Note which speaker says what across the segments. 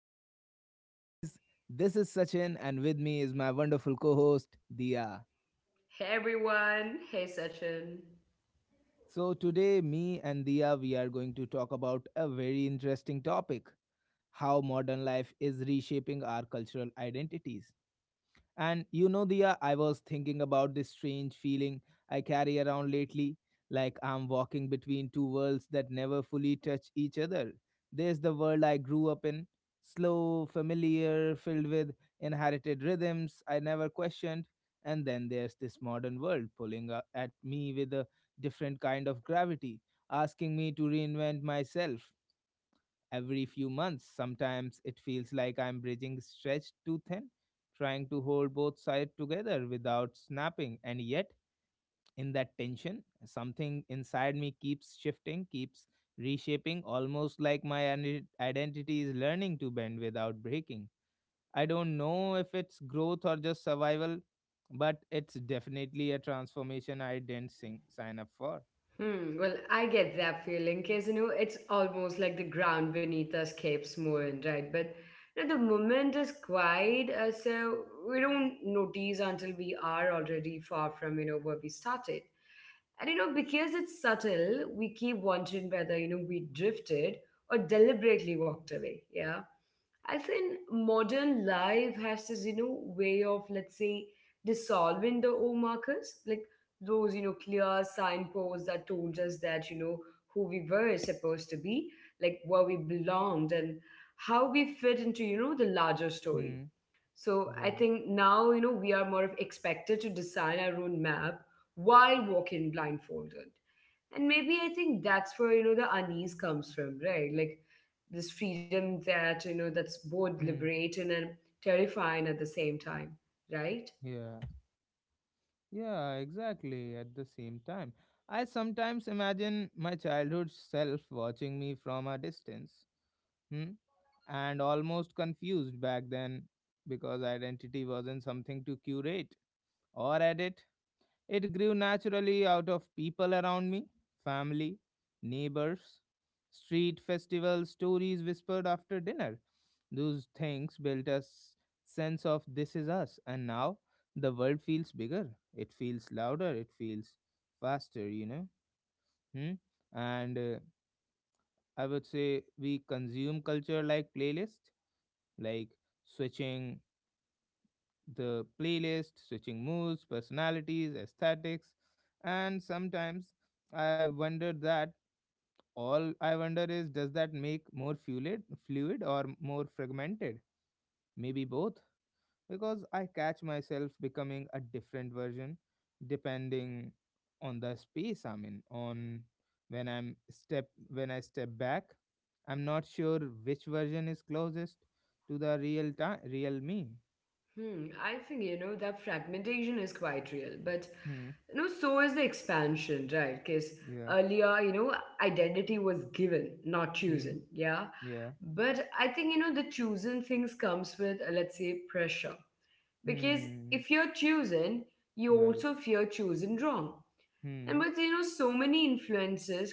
Speaker 1: podcast series. This is Sachin, and with me is my wonderful co host, Dia.
Speaker 2: Hey everyone, hey Sachin.
Speaker 1: So, today, me and Dia, we are going to talk about a very interesting topic: how modern life is reshaping our cultural identities. And you know, Dia, I was thinking about this strange feeling I carry around lately, like I'm walking between two worlds that never fully touch each other. There's the world I grew up in, slow, familiar, filled with inherited rhythms I never questioned. And then there's this modern world pulling at me with a different kind of gravity, asking me to reinvent myself every few months. Sometimes it feels like I'm bridging stretched too thin, trying to hold both sides together without snapping. And yet, in that tension, something inside me keeps shifting, keeps reshaping, almost like my identity is learning to bend without breaking. I don't know if it's growth or just survival, but it's definitely a transformation I didn't sign up for.
Speaker 2: I get that feeling because it's almost like the ground beneath us keeps moving, right? But the moment is quiet, so we don't notice until we are already far from where we started. And because it's subtle, we keep wondering whether, we drifted or deliberately walked away. Yeah. I think modern life has this, way of, let's say, dissolving the old markers, like those, clear signposts that told us that, who we were supposed to be, like where we belonged and how we fit into, the larger story.
Speaker 1: Hmm.
Speaker 2: So I
Speaker 1: Yeah.
Speaker 2: think now, we are more of expected to design our own map while walking blindfolded. And maybe I think that's where, the unease comes from, right? Like this freedom that's both
Speaker 1: Hmm.
Speaker 2: liberating and terrifying at the same time, right?
Speaker 1: Yeah. Yeah, exactly. At the same time, I sometimes imagine my childhood self watching me from a distance, hmm? and almost confused back then, because identity wasn't something to curate or edit. It grew naturally out of people around me, family, neighbors, street festivals, stories whispered after dinner. Those things built a sense of this is us, and now the world feels bigger. It feels louder. It feels faster. Hmm? And I would say we consume culture like playlist, like switching the playlist, switching moods, personalities, aesthetics, and sometimes I wonder that all I wonder is, does that make more fluid or more fragmented? Maybe both, because I catch myself becoming a different version depending on the space I'm in. On when I'm step when I step back, I'm not sure which version is closest to the real time, real me.
Speaker 2: I think that fragmentation is quite real, but
Speaker 1: Hmm.
Speaker 2: so is the expansion, right? Because
Speaker 1: Yeah.
Speaker 2: earlier, identity was given, not
Speaker 1: Hmm.
Speaker 2: chosen. Yeah,
Speaker 1: Yeah.
Speaker 2: but I think the chosen things comes with let's say pressure, because
Speaker 1: Hmm.
Speaker 2: if you're chosen, you
Speaker 1: Right.
Speaker 2: also fear chosen wrong. And
Speaker 1: Hmm.
Speaker 2: with so many influences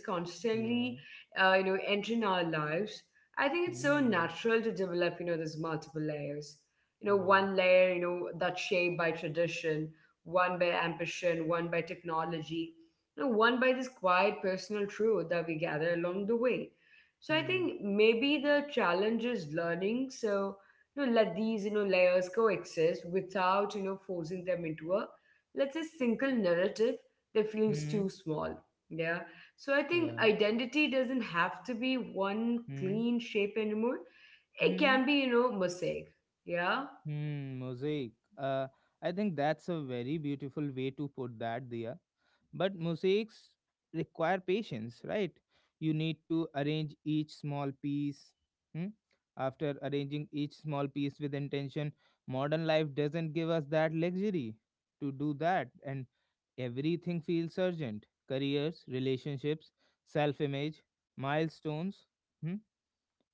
Speaker 1: Yeah.
Speaker 2: constantly entering our lives, I think it's so
Speaker 1: Hmm.
Speaker 2: natural to develop these multiple layers. You know
Speaker 1: Right.
Speaker 2: one layer that's shaped by tradition, one by ambition, one by technology, one by this quiet personal truth that we gather along the way. So I
Speaker 1: Hmm.
Speaker 2: think maybe the challenge is learning. So let these layers coexist without forcing them into a let's say single narrative that feels
Speaker 1: Hmm.
Speaker 2: too small. Yeah. So I think
Speaker 1: Yeah.
Speaker 2: identity doesn't have to be one
Speaker 1: Hmm.
Speaker 2: clean shape anymore. It
Speaker 1: Hmm.
Speaker 2: can be, mosaic. Yeah.
Speaker 1: Hmm, mosaic. Uh, I think that's a very beautiful way to put that, Dia. But mosaics require patience, right? You need to arrange each small piece. Hmm? After arranging each small piece with intention, modern life doesn't give us that luxury to do that, and everything feels urgent. Careers, relationships, self image, milestones. Hmm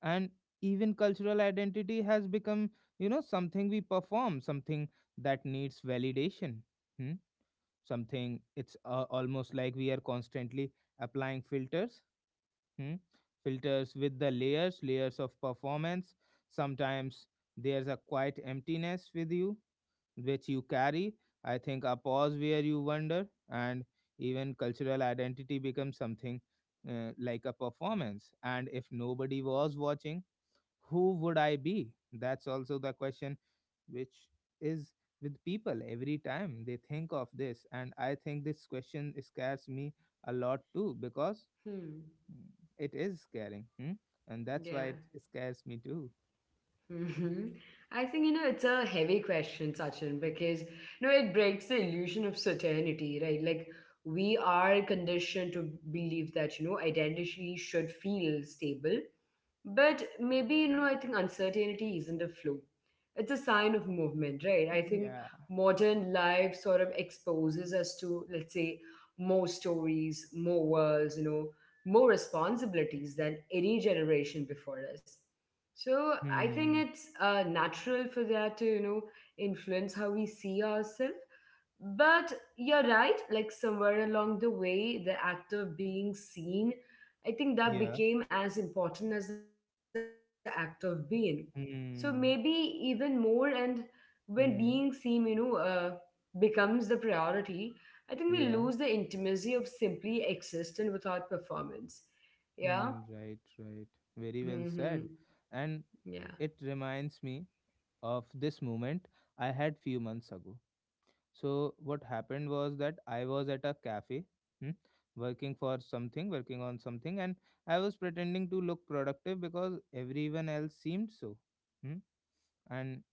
Speaker 1: and even cultural identity has become something we perform, something that needs validation. Hmm? something, it's almost like we are constantly applying filters, hmm? filters with the layers of performance. Sometimes there's a quiet emptiness with you, which you carry. I think a pause where you wonder. And even cultural identity becomes something, like a performance. And if nobody was watching, who would I be? That's also the question which is with people every time they think of this. And I think this question scares me a lot too, because
Speaker 2: Hmm.
Speaker 1: mm, it is scaring. Hmm? And that's
Speaker 2: Yeah.
Speaker 1: why it scares me too.
Speaker 2: Hmm. I think, it's a heavy question, Sachin, because, it breaks the illusion of certainty, right? Like, we are conditioned to believe that, identity should feel stable. But maybe, I think uncertainty isn't a flaw. It's a sign of movement, right? I think
Speaker 1: Yeah.
Speaker 2: modern life sort of exposes us to, let's say, more stories, more worlds, more responsibilities than any generation before us. So I think
Speaker 1: Hmm.
Speaker 2: it's natural for that to, influence how we see ourselves. But you're right, like somewhere along the way, the act of being seen, I think that
Speaker 1: Yeah.
Speaker 2: became as important as the act of being. So maybe even
Speaker 1: Hmm.
Speaker 2: more. And when being seen,
Speaker 1: Hmm.
Speaker 2: becomes the priority, I think we lose the
Speaker 1: Yeah.
Speaker 2: intimacy of simply existing without performance. Yeah.
Speaker 1: Hmm. Right. Right. Very well
Speaker 2: Hmm.
Speaker 1: said. And
Speaker 2: Yeah.
Speaker 1: it reminds me of this moment I had few months ago. So what happened was that I was at a cafe, hmm, working on something, and I was pretending to look productive because everyone else seemed so. hmm. And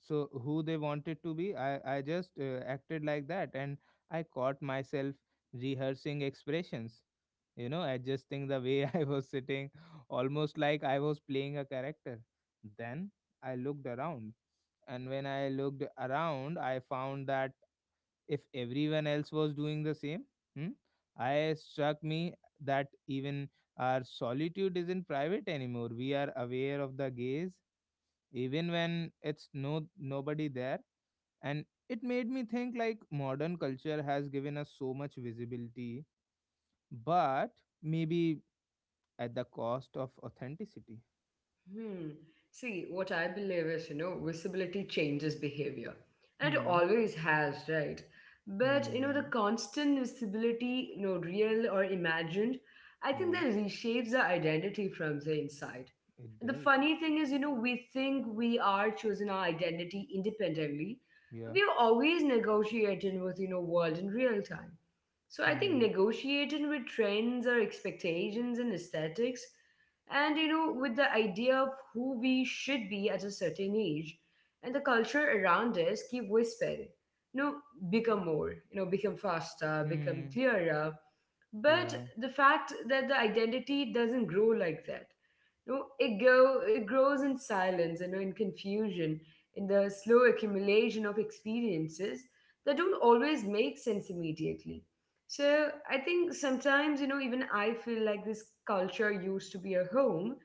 Speaker 1: so who they wanted to be, I just acted like that, and I caught myself rehearsing expressions, adjusting the way I was sitting, almost like I was playing a character. Then I looked around, and when I looked around I found that if everyone else was doing the same. Hmm? I struck me that even our solitude isn't private anymore. We are aware of the gaze, even when it's no nobody there. And it made me think, like, modern culture has given us so much visibility, but maybe at the cost of authenticity.
Speaker 2: Hmm. See, what I believe is, visibility changes behavior. And it
Speaker 1: Hmm.
Speaker 2: always has, right? But, the
Speaker 1: Hmm.
Speaker 2: constant visibility, real or imagined, I think
Speaker 1: Yeah,
Speaker 2: that reshapes the identity from the inside.
Speaker 1: it
Speaker 2: The
Speaker 1: does.
Speaker 2: funny thing is, we think we are choosing our identity independently, but
Speaker 1: Yeah.
Speaker 2: we are always negotiating with, world in real time. So I think
Speaker 1: Hmm.
Speaker 2: negotiating with trends or expectations and aesthetics, and with the idea of who we should be at a certain age, and the culture around us keep whispering, you know, become more, become faster, become
Speaker 1: Hmm.
Speaker 2: clearer, but
Speaker 1: Yeah.
Speaker 2: the fact that the identity doesn't grow like that. No, it grows in silence, in confusion, in the slow accumulation of experiences that don't always make sense immediately. So I think sometimes even I feel like this culture used to be a home.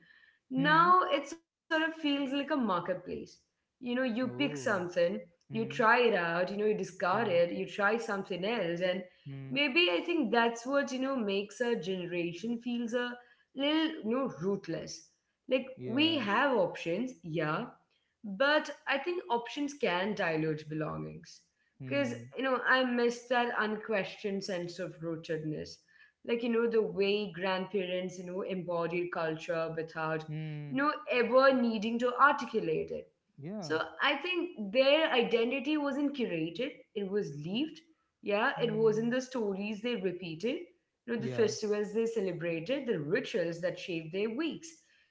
Speaker 1: Hmm.
Speaker 2: Now it sort of feels like a marketplace. You pick
Speaker 1: Oh.
Speaker 2: something, you try
Speaker 1: Hmm.
Speaker 2: it out, you discard it,
Speaker 1: Hmm.
Speaker 2: you try something else. And
Speaker 1: Hmm.
Speaker 2: maybe I think that's what makes our generation feels a little rootless. Like we
Speaker 1: Yeah.
Speaker 2: have options, yeah, but I think options can dilute belongings. Cause
Speaker 1: Hmm.
Speaker 2: I miss that unquestioned sense of rootedness. Like the way grandparents embodied culture without
Speaker 1: Hmm.
Speaker 2: ever needing to articulate it.
Speaker 1: Yeah.
Speaker 2: So I think their identity wasn't curated; it was lived. Yeah, it was in
Speaker 1: Hmm.
Speaker 2: the stories they repeated, the
Speaker 1: Yeah.
Speaker 2: festivals they celebrated, the rituals that shaped their weeks.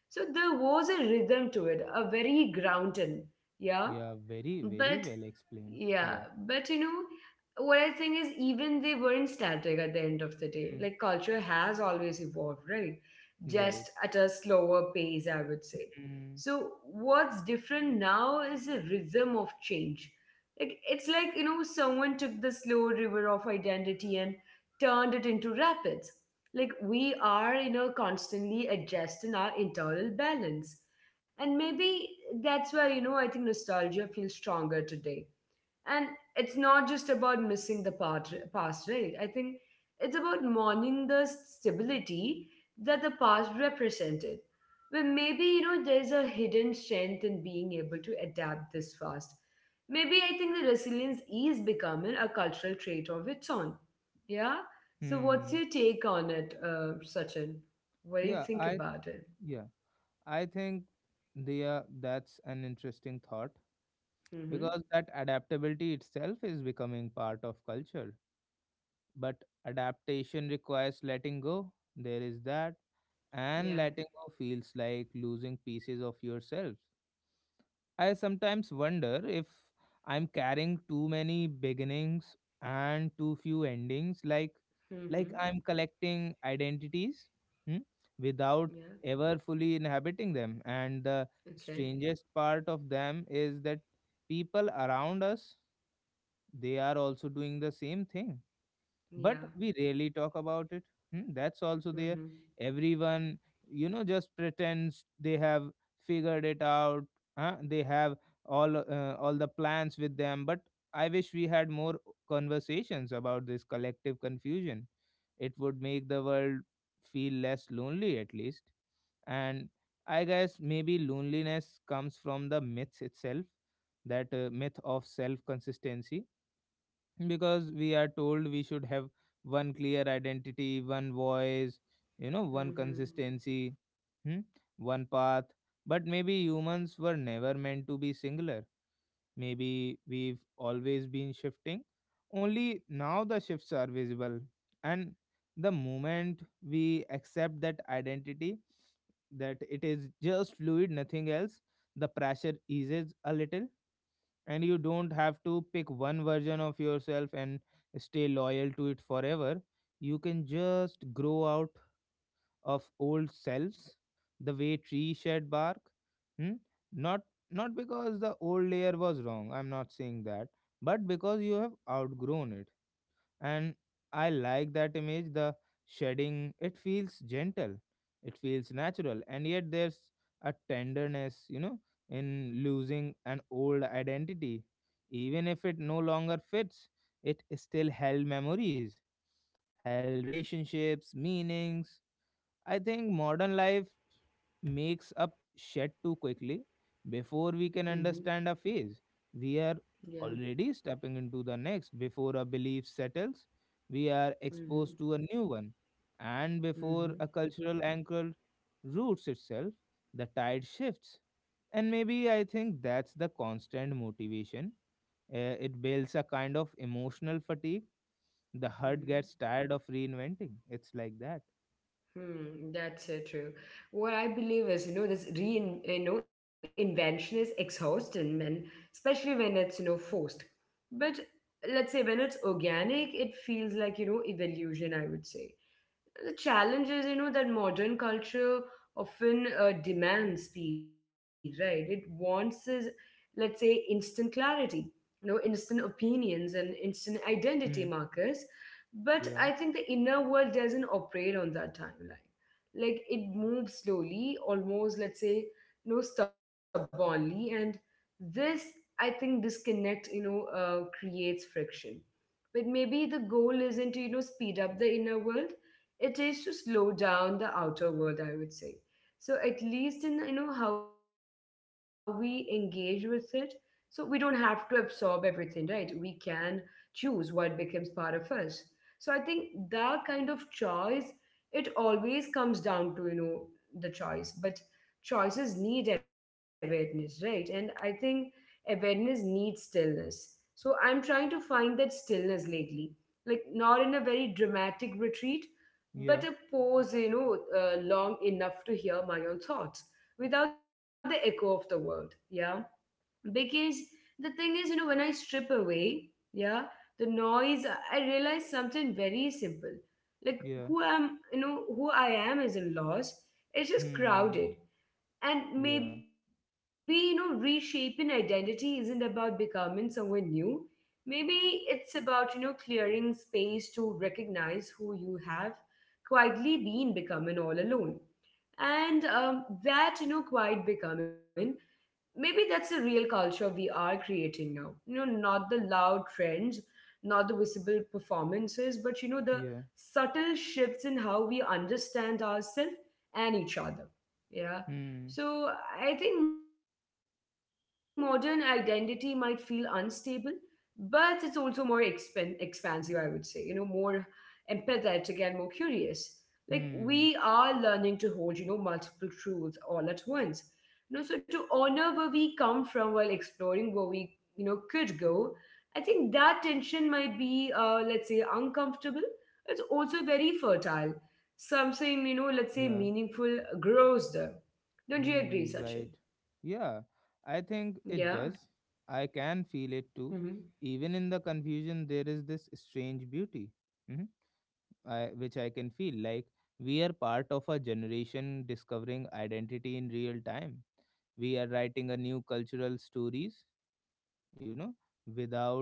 Speaker 2: So there was a rhythm to it, a very grounded, yeah.
Speaker 1: Yeah. Very, very
Speaker 2: But
Speaker 1: well explained.
Speaker 2: yeah,
Speaker 1: Yeah.
Speaker 2: but what I think is even they weren't static at the end of the day.
Speaker 1: Hmm.
Speaker 2: Like culture has always evolved, right?
Speaker 1: Right.
Speaker 2: Just at a slower pace, I would say.
Speaker 1: Hmm.
Speaker 2: So what's different now is the rhythm of change. Like it's like, someone took the slow river of identity and turned it into rapids. Like we are, constantly adjusting our internal balance. And maybe that's why, I think nostalgia feels stronger today and it's not just about missing the past, right? I think it's about mourning the stability that the past represented. Well, maybe, there's a hidden strength in being able to adapt this fast. Maybe I think the resilience is becoming a cultural trait of its own. Yeah? So, what's
Speaker 1: Hmm.
Speaker 2: your take on it, Sachin? What do you
Speaker 1: Yeah.
Speaker 2: think
Speaker 1: I.
Speaker 2: about it?
Speaker 1: Yeah. I think, Dia, that's an interesting thought,
Speaker 2: Mm-hmm.
Speaker 1: because that adaptability itself is becoming part of culture. But adaptation requires letting go. There is that, and
Speaker 2: Yeah.
Speaker 1: letting go feels like losing pieces of yourself. I sometimes wonder if I'm carrying too many beginnings and too few endings, like
Speaker 2: Mm-hmm.
Speaker 1: I'm collecting identities, hmm, without
Speaker 2: Yeah.
Speaker 1: ever fully inhabiting them. And the
Speaker 2: Okay.
Speaker 1: strangest part of them is that people around us, they are also doing the same thing, but
Speaker 2: Yeah.
Speaker 1: we rarely talk about it. Hmm, that's also there.
Speaker 2: Mm-hmm.
Speaker 1: Everyone just pretends they have figured it out. Huh? they have all the plans with them. But I wish we had more conversations about this collective confusion. It would make the world feel less lonely, at least. And I guess, maybe loneliness comes from the myth itself, that myth of self consistency, because we are told we should have one clear identity, one voice, one
Speaker 2: Mm-hmm.
Speaker 1: consistency, hmm? one path. But maybe humans were never meant to be singular. Maybe we've always been shifting, only now the shifts are visible. And the moment we accept that identity, that it is just fluid, nothing else, the pressure eases a little. And you don't have to pick one version of yourself and stay loyal to it forever. You can just grow out of old selves the way tree shed bark. Hmm? Not not because the old layer was wrong, I'm not saying that, but because you have outgrown it. And I like that image, the shedding. It feels gentle, it feels natural. And yet there's a tenderness, in losing an old identity, even if it no longer fits. It still held memories, held relationships, meanings. I think modern life makes up shed too quickly, before we can
Speaker 2: Mm-hmm.
Speaker 1: understand a phase. We are
Speaker 2: Yeah.
Speaker 1: already stepping into the next before a belief settles. We are
Speaker 2: Mm-hmm.
Speaker 1: exposed to a new one. And
Speaker 2: Mm-hmm.
Speaker 1: before a cultural anchor roots itself, the tide shifts. And maybe I think that's the constant motivation. It builds a kind of emotional fatigue. The heart
Speaker 2: Mm-hmm.
Speaker 1: gets tired of reinventing. It's like that.
Speaker 2: That's so true. What I believe is, this invention is exhausting, and especially when it's, forced. But let's say when it's organic, it feels like, evolution, I would say. The challenge is, that modern culture often demands speed, right? It wants this, let's say, instant clarity, instant opinions and instant identity
Speaker 1: Hmm.
Speaker 2: markers. But I
Speaker 1: Yeah.
Speaker 2: think the inner world doesn't operate on that timeline. Like it moves slowly, almost, let's say, stubbornly. And this, I think, disconnect, creates friction. But maybe the goal isn't to speed up the inner world. It is to slow down the outer world, I would say, so at least in how we engage with it. So we don't have to absorb everything, right? We can choose what becomes part of us. So I think that kind of choice, it always comes down to the choice. But choices need awareness, right? And I think awareness needs stillness. So I'm trying to find that stillness lately, like not in a very dramatic retreat, but a
Speaker 1: Yeah.
Speaker 2: pause, long enough to hear my own thoughts without the echo of the world. Yeah. Because the thing is, when I strip away, yeah, the noise, I realize something very simple. Like
Speaker 1: Yeah.
Speaker 2: who I am is a loss. It's just
Speaker 1: Hmm.
Speaker 2: crowded. And maybe,
Speaker 1: Yeah.
Speaker 2: reshaping identity isn't about becoming someone new. Maybe it's about, clearing space to recognize who you have quietly been becoming all alone. And that, quiet becoming, maybe that's the real culture we are creating now, not the loud trends, not the visible performances, but
Speaker 1: Yeah.
Speaker 2: the subtle shifts in how we understand ourselves and each other. Yeah.
Speaker 1: Hmm.
Speaker 2: So I think modern identity might feel unstable, but it's also more expansive, I would say, more empathetic and more curious. Like we
Speaker 1: Hmm.
Speaker 2: are learning to hold multiple truths all at once, so to honor where we come from while exploring where we, could go, I think that tension might be, let's say, uncomfortable. It's also very fertile. Something, let's say,
Speaker 1: Yeah.
Speaker 2: meaningful grows there. Don't you agree,
Speaker 1: Hmm. Right.
Speaker 2: Sachin?
Speaker 1: Yeah. I
Speaker 2: Yeah.
Speaker 1: think it does. I can feel it
Speaker 2: Mm-hmm.
Speaker 1: too. Even in the confusion, there is this strange beauty, hmm which I can feel. Like we are part of a generation discovering identity in real time. We are writing a new cultural stories, you know, without,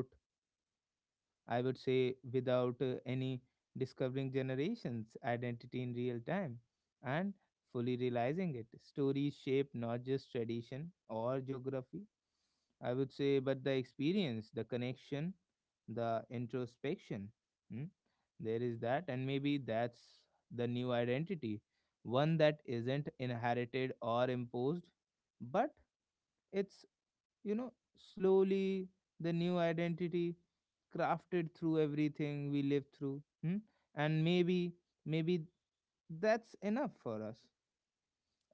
Speaker 1: I would say, without any discovering generations' identity in real time and fully realizing it. Stories shape not just tradition or geography, I would say, but the experience, the connection, the introspection. Hmm? There is that, and maybe that's the new identity, one that isn't inherited or imposed, but it's you know slowly, the new identity, crafted through everything we live through. And maybe that's enough for us.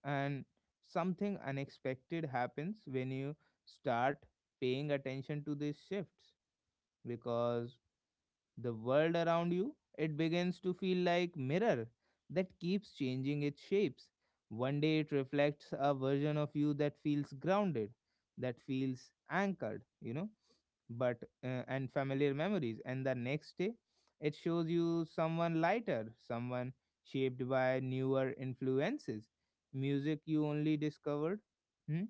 Speaker 1: And something unexpected happens when you start paying attention to these shifts, because the world around you, it begins to feel like mirror that keeps changing its shapes. One day it reflects a version of you that feels grounded, that feels anchored, but and familiar memories. And the next day it shows you someone lighter, someone shaped by newer influences, music you only discovered, hmm,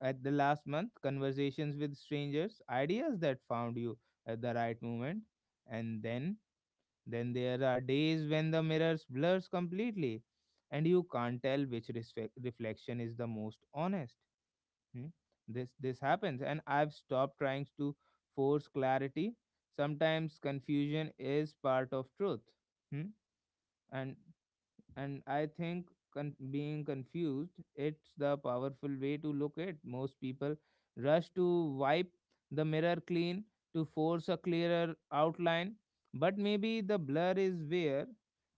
Speaker 1: at the last month, conversations with strangers, ideas that found you at the right moment. And then there are days when the mirrors blurs completely, and you can't tell which reflection is the most honest. Hmm? This happens, and I've stopped trying to force clarity. Sometimes confusion is part of truth. Hmm? and and I think being confused, it's the powerful way to look at. Most people rush to wipe the mirror clean, to force a clearer outline, but maybe the blur is where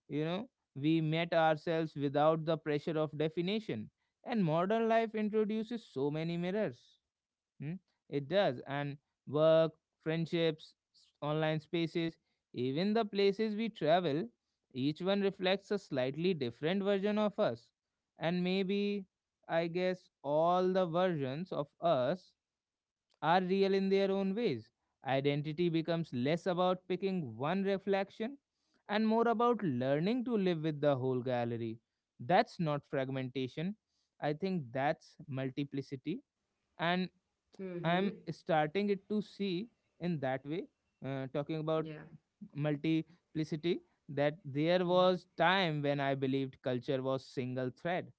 Speaker 1: you know we met ourselves without the pressure of definition. And modern life introduces so many mirrors. Hmm? It does. And work, friendships, online spaces, even the places we travel, each one reflects a slightly different version of us. And maybe, I guess, all the versions of us are real in their own ways. Identity becomes less about picking one reflection and more about learning to live with the whole gallery. That's not fragmentation. I think that's multiplicity. And
Speaker 2: Mm-hmm.
Speaker 1: I'm starting it to see in that way. Talking about
Speaker 2: Yeah.
Speaker 1: multiplicity, that there was time when I believed culture was single thread,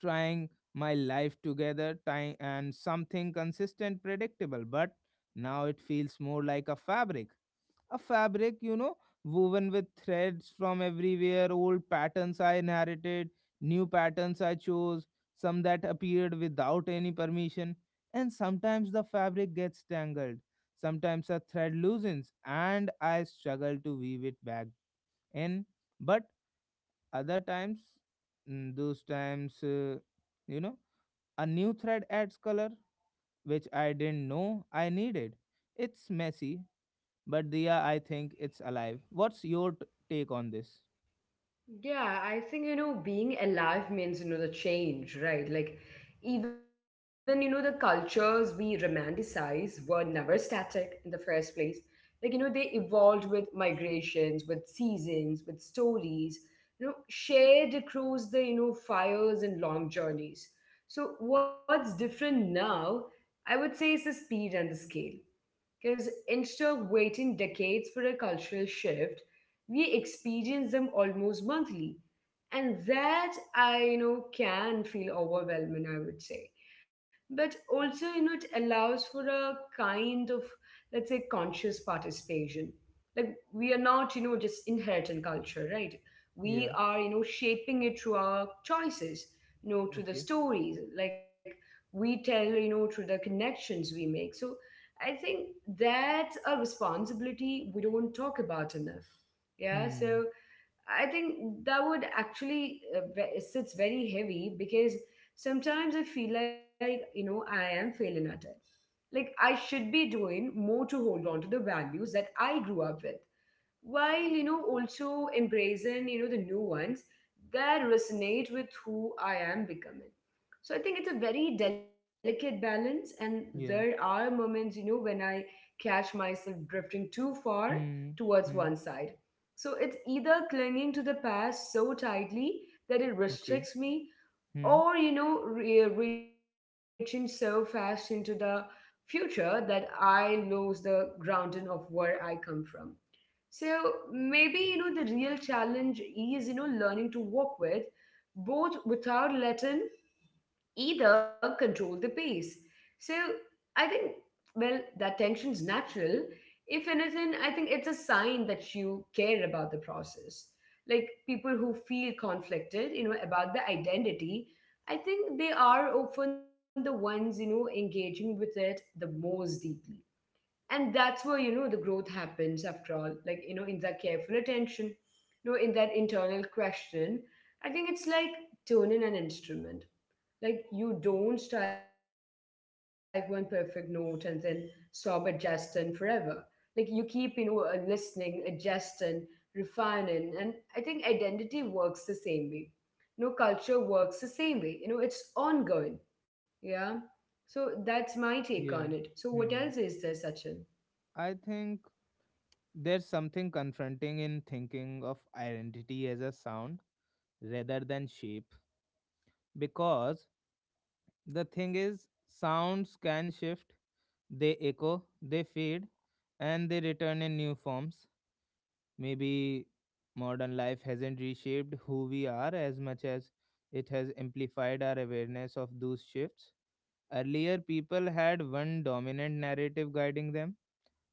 Speaker 1: trying my life together, tying and something consistent, predictable. But now it feels more like a fabric a fabric woven with threads from everywhere, old patterns I inherited, new patterns I chose, some that appeared without any permission. And sometimes the fabric gets tangled, sometimes a thread loosens and I struggle to weave it back in. But other times, those times you know a new thread adds color which I didn't know I needed. It's messy, but Dia, I think it's alive. What's your take on this?
Speaker 2: Yeah, I think, being alive means, the change, right? Like, even, the cultures we romanticize were never static in the first place. Like, they evolved with migrations, with seasons, with stories, shared across the, fires and long journeys. So, what's different now, I would say, is the speed and the scale. Because instead of waiting decades for a cultural shift, we experience them almost monthly. And that I can feel overwhelming, I would say. But also, it allows for a kind of, let's say, conscious participation. Like we are not, just inheriting culture, right?
Speaker 1: Yeah.
Speaker 2: We are, shaping it through our choices,
Speaker 1: Okay.
Speaker 2: through the stories, like we tell, through the connections we make. So I think that's a responsibility we don't talk about enough. Yeah,
Speaker 1: Hmm.
Speaker 2: so I think that would actually sits very heavy because sometimes I feel like I am failing at it. Like I should be doing more to hold on to the values that I grew up with while you know also embracing you know the new ones that resonate with who I am becoming. So I think it's a very delicate balance, and there
Speaker 1: Yeah.
Speaker 2: are moments you know when I catch myself drifting too far
Speaker 1: Hmm.
Speaker 2: towards one
Speaker 1: Hmm.
Speaker 2: side. So it's either clinging to the past so tightly that it
Speaker 1: Okay.
Speaker 2: restricts me,
Speaker 1: Hmm.
Speaker 2: or you know reaching so fast into the future that I lose the grounding of where I come from. So maybe you know the real challenge is you know learning to walk with both without letting either control the pace. So I think well that tension's natural. If anything, I think it's a sign that you care about the process. Like people who feel conflicted, you know, about the identity, I think they are often the ones, you know, engaging with it the most deeply, and that's where you know the growth happens after all, like you know in that careful attention, you know in that internal question. I think it's like tuning an instrument. Like you don't strike one perfect note and then stop adjusting forever. Like you keep you know listening, adjusting, refining. And I think identity works the same way. You know, culture works the same way. You know, it's ongoing. Yeah, so that's my take on it. So
Speaker 1: Yeah.
Speaker 2: what else is
Speaker 1: Hmm.
Speaker 2: there, Sachin?
Speaker 1: I think there's something confronting in thinking of identity as a sound rather than shape, because the thing is, sounds can shift, they echo, they fade, and they return in new forms. Maybe modern life hasn't reshaped who we are as much as it has amplified our awareness of those shifts. Earlier, people had one dominant narrative guiding them.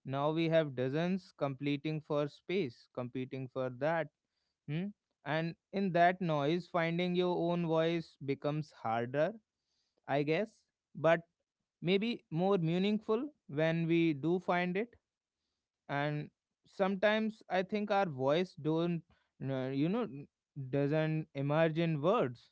Speaker 1: Now we have dozens competing for space, competing for that. Hmm? And in that noise, finding your own voice becomes harder, I guess, but maybe more meaningful when we do find it. And sometimes I think our voice don't, uh, you know doesn't emerge in words,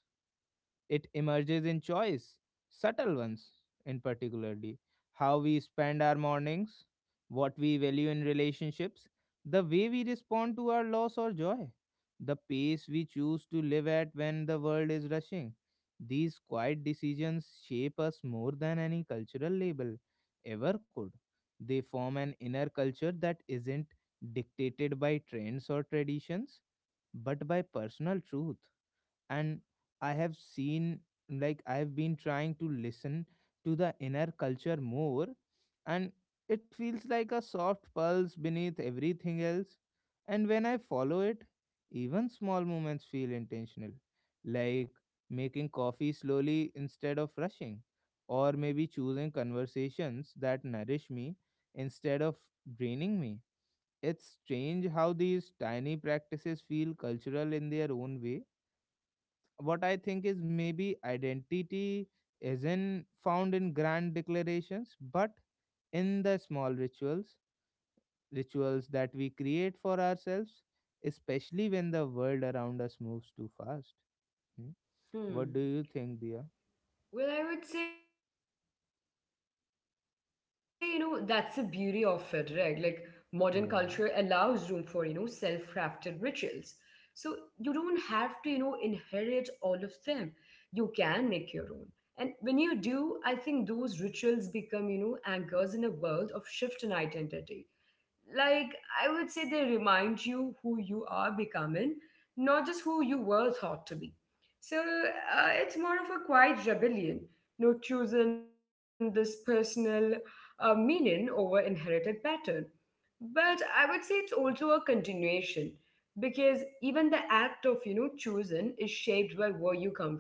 Speaker 1: it emerges in choice, subtle ones. In particularly, how we spend our mornings, what we value in relationships, the way we respond to our loss or joy, the pace we choose to live at when the world is rushing. These quiet decisions shape us more than any cultural label ever could. They form an inner culture that isn't dictated by trends or traditions, but by personal truth. And I have seen, like, I have been trying to listen to the inner culture more, and it feels like a soft pulse beneath everything else. And when I follow it, even small moments feel intentional, like making coffee slowly instead of rushing, or maybe choosing conversations that nourish me instead of draining me. It's strange how these tiny practices feel cultural in their own way. What I think is, maybe identity isn't found in grand declarations, but in the small rituals, rituals that we create for ourselves, especially when the world around us moves too fast. Hmm? What do
Speaker 2: Hmm.
Speaker 1: you think, dear?
Speaker 2: Well, I would say, you know, that's the beauty of it, right? Like modern culture allows room for, you know, self-crafted
Speaker 1: Yeah,
Speaker 2: rituals. So you don't have to, you know, inherit all of them. You can make your own. And when you do, I think those rituals become, you know, anchors in a world of shift in identity. Like I would say they remind you who you are becoming, not just who you were thought to be. So it's more of a quiet rebellion, you know, choosing this personal meaning over inherited pattern. But I would say it's also a continuation, because even the act of you know choosing is shaped by where you come from.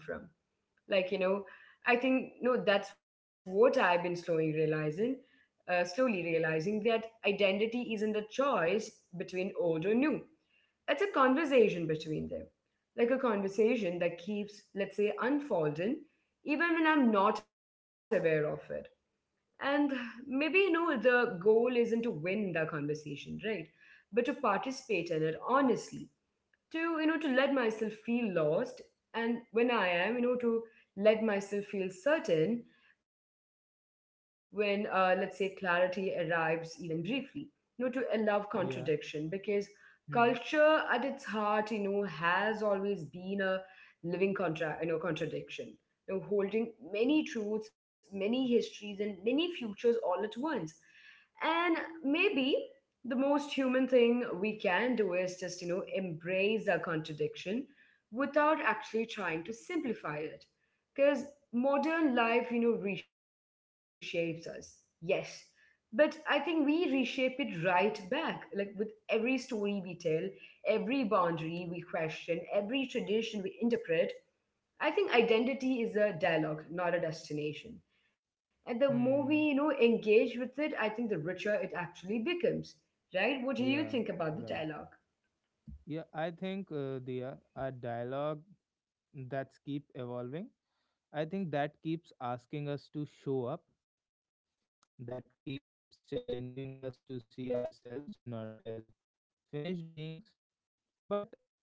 Speaker 2: Like you know I think no that's what I've been slowly realizing, slowly realizing that identity isn't a choice between old or new. It's a conversation between them, like a conversation that keeps let's say unfolding even when I'm not aware of it. And maybe you know the goal isn't to win the conversation, right? But to participate in it honestly, to you know to let myself feel lost, and when I am you know to let myself feel certain, when let's say clarity arrives even briefly, you know to allow contradiction,
Speaker 1: yeah,
Speaker 2: because culture
Speaker 1: Hmm.
Speaker 2: at its heart you know has always been a living contra you know contradiction, you know, holding many truths, many histories, and many futures all at once. And maybe the most human thing we can do is just you know embrace our contradiction without actually trying to simplify it. Because modern life you know reshapes us, yes, but I think we reshape it right back, like with every story we tell, every boundary we question, every tradition we interpret. I think identity is a dialogue, not a destination. And the more we,
Speaker 1: Hmm.
Speaker 2: you know, engage with it, I think the richer it actually becomes, right? What do
Speaker 1: Yeah,
Speaker 2: you think about
Speaker 1: right.
Speaker 2: the dialogue?
Speaker 1: Yeah, I think, dear, a dialogue that's keep evolving, I think that keeps asking us to show up, that keeps challenging us to see ourselves not as finished beings, but as unfolding, you know.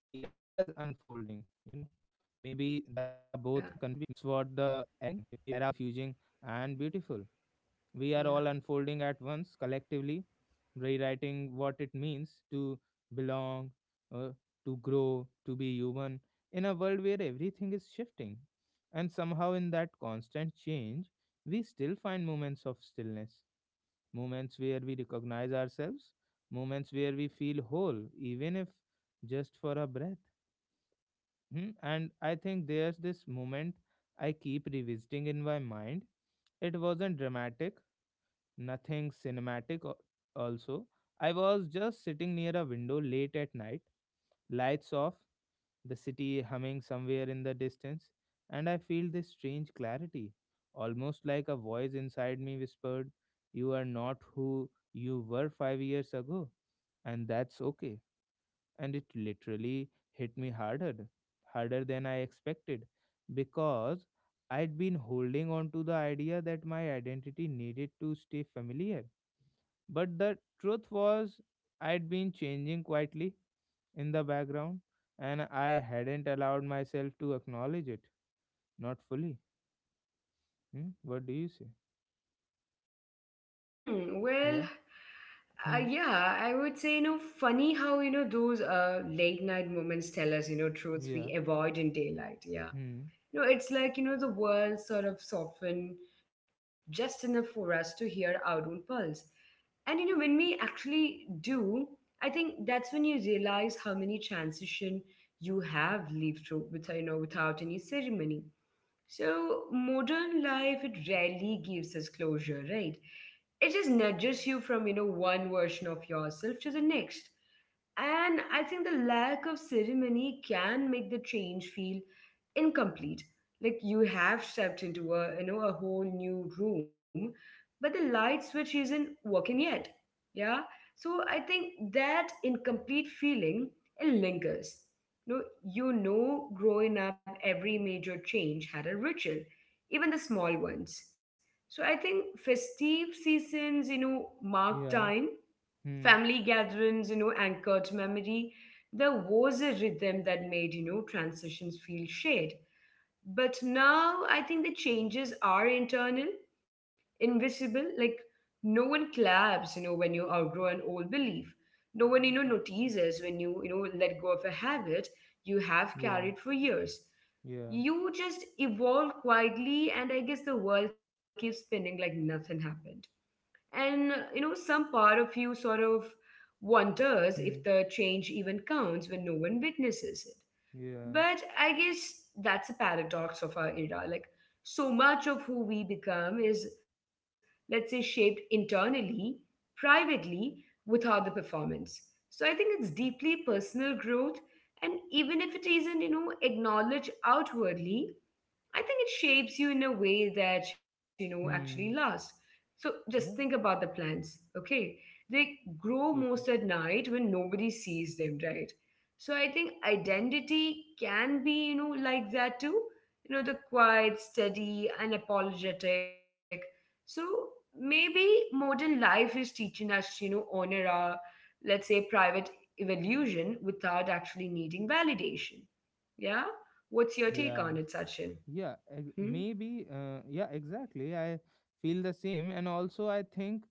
Speaker 1: Maybe that's what the era both confusing
Speaker 2: Yeah,
Speaker 1: and beautiful. We are all unfolding at once, collectively,
Speaker 2: yeah.
Speaker 1: rewriting what it means to belong, uh, to grow, to be human in a world where everything is shifting. And somehow, in that constant change, we still find moments of stillness, moments where we recognize ourselves, moments where we feel whole, even if just for a breath. Hmm, and I think there's this moment I keep revisiting in my mind. It wasn't dramatic, nothing cinematic, also. I was just sitting near a window late at night, lights off, the city humming somewhere in the distance, and I feel this strange clarity, almost like a voice inside me whispered, "You are not who you were 5 years ago, and that's okay." And it literally hit me harder, harder than I expected, because I'd been holding on to the idea that my identity needed to stay familiar. But the truth was, I'd been changing quietly in the background, and I hadn't allowed myself to acknowledge it, not fully. Hmm? What do you say?
Speaker 2: Hmm. Well,
Speaker 1: Yeah. Hmm.
Speaker 2: yeah, I would say, you know, funny how, you know, those late night moments tell us, you know, truths
Speaker 1: Yeah.
Speaker 2: we avoid in daylight. Yeah.
Speaker 1: Hmm.
Speaker 2: No, it's like, you know, the world sort of softened just enough for us to hear our own pulse. And, you know, when we actually do, I think that's when you realize how many transition you have lived through with, you know, without any ceremony. So modern life, it rarely gives us closure, right? It just nudges you from, you know, one version of yourself to the next. And I think the lack of ceremony can make the change feel incomplete. Like you have stepped into a you know a whole new room, but the light switch isn't working yet. Yeah. So I think that incomplete feeling, it lingers. No, you know, growing up, every major change had a ritual, even the small ones. So I think festive seasons, you know, mark
Speaker 1: Yeah.
Speaker 2: time,
Speaker 1: Hmm.
Speaker 2: family gatherings, you know, anchored memory. There was a rhythm that made, you know, transitions feel shared. But now I think the changes are internal, invisible. Like no one claps, you know, when you outgrow an old belief. No one, you know, notices when you know, let go of a habit you have
Speaker 1: Yeah.
Speaker 2: carried for years.
Speaker 1: Yeah.
Speaker 2: You just evolve quietly, and I guess the world keeps spinning like nothing happened. And, you know, some part of you sort of wonders if
Speaker 1: Hmm.
Speaker 2: the change even counts when no one witnesses it.
Speaker 1: Yeah.
Speaker 2: But I guess that's a paradox of our era. Like, so much of who we become is, let's say, shaped internally, privately, without the performance. So I think it's deeply personal growth. And even if it isn't, you know, acknowledged outwardly, I think it shapes you in a way that, you know, actually
Speaker 1: Hmm.
Speaker 2: lasts. So just think
Speaker 1: Yeah.
Speaker 2: about the plants, okay? They grow most at
Speaker 1: Okay.
Speaker 2: night when nobody sees them, right? So I think identity can be, you know, like that too. You know, the quiet, steady, unapologetic. So maybe modern life is teaching us to, you know, honor our, let's say, private evolution without actually needing validation. Yeah? What's your
Speaker 1: Yeah.
Speaker 2: take on it, Sachin?
Speaker 1: Yeah. Maybe. Yeah. Exactly. I feel the same, and also I think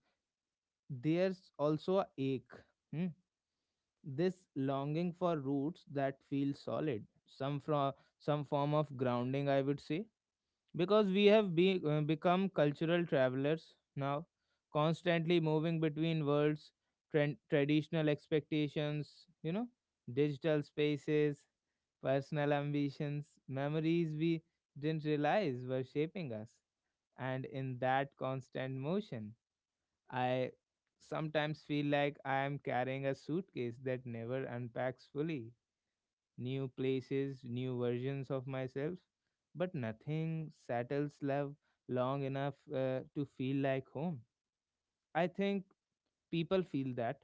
Speaker 1: there's also a ache. Hmm? This longing for roots that feel solid, some from some form of grounding, I would say, because we have become cultural travelers now, constantly moving between worlds, trend, traditional expectations, you know, digital spaces, personal ambitions, memories we didn't realize were shaping us. And in that constant motion, I sometimes feel like I am carrying a suitcase that never unpacks fully, new places, new versions of myself, but nothing settles love long enough to feel like home. I think people feel that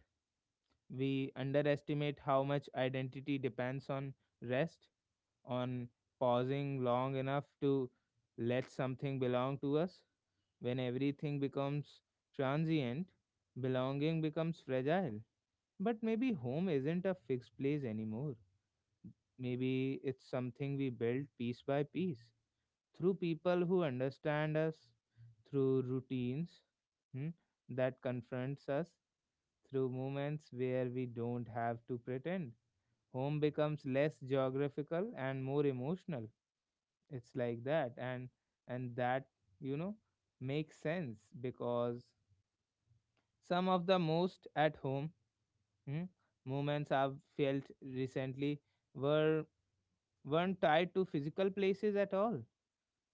Speaker 1: we underestimate how much identity depends on rest, on pausing long enough to let something belong to us. When everything becomes transient, belonging becomes fragile. But maybe home isn't a fixed place anymore. Maybe it's something we build piece by piece, through people who understand us, through routines, hmm, that confronts us, through moments where we don't have to pretend. Home becomes less geographical and more emotional. It's like that, and that you know, makes sense because some of the most at home, hmm, moments I've felt recently were weren't tied to physical places at all.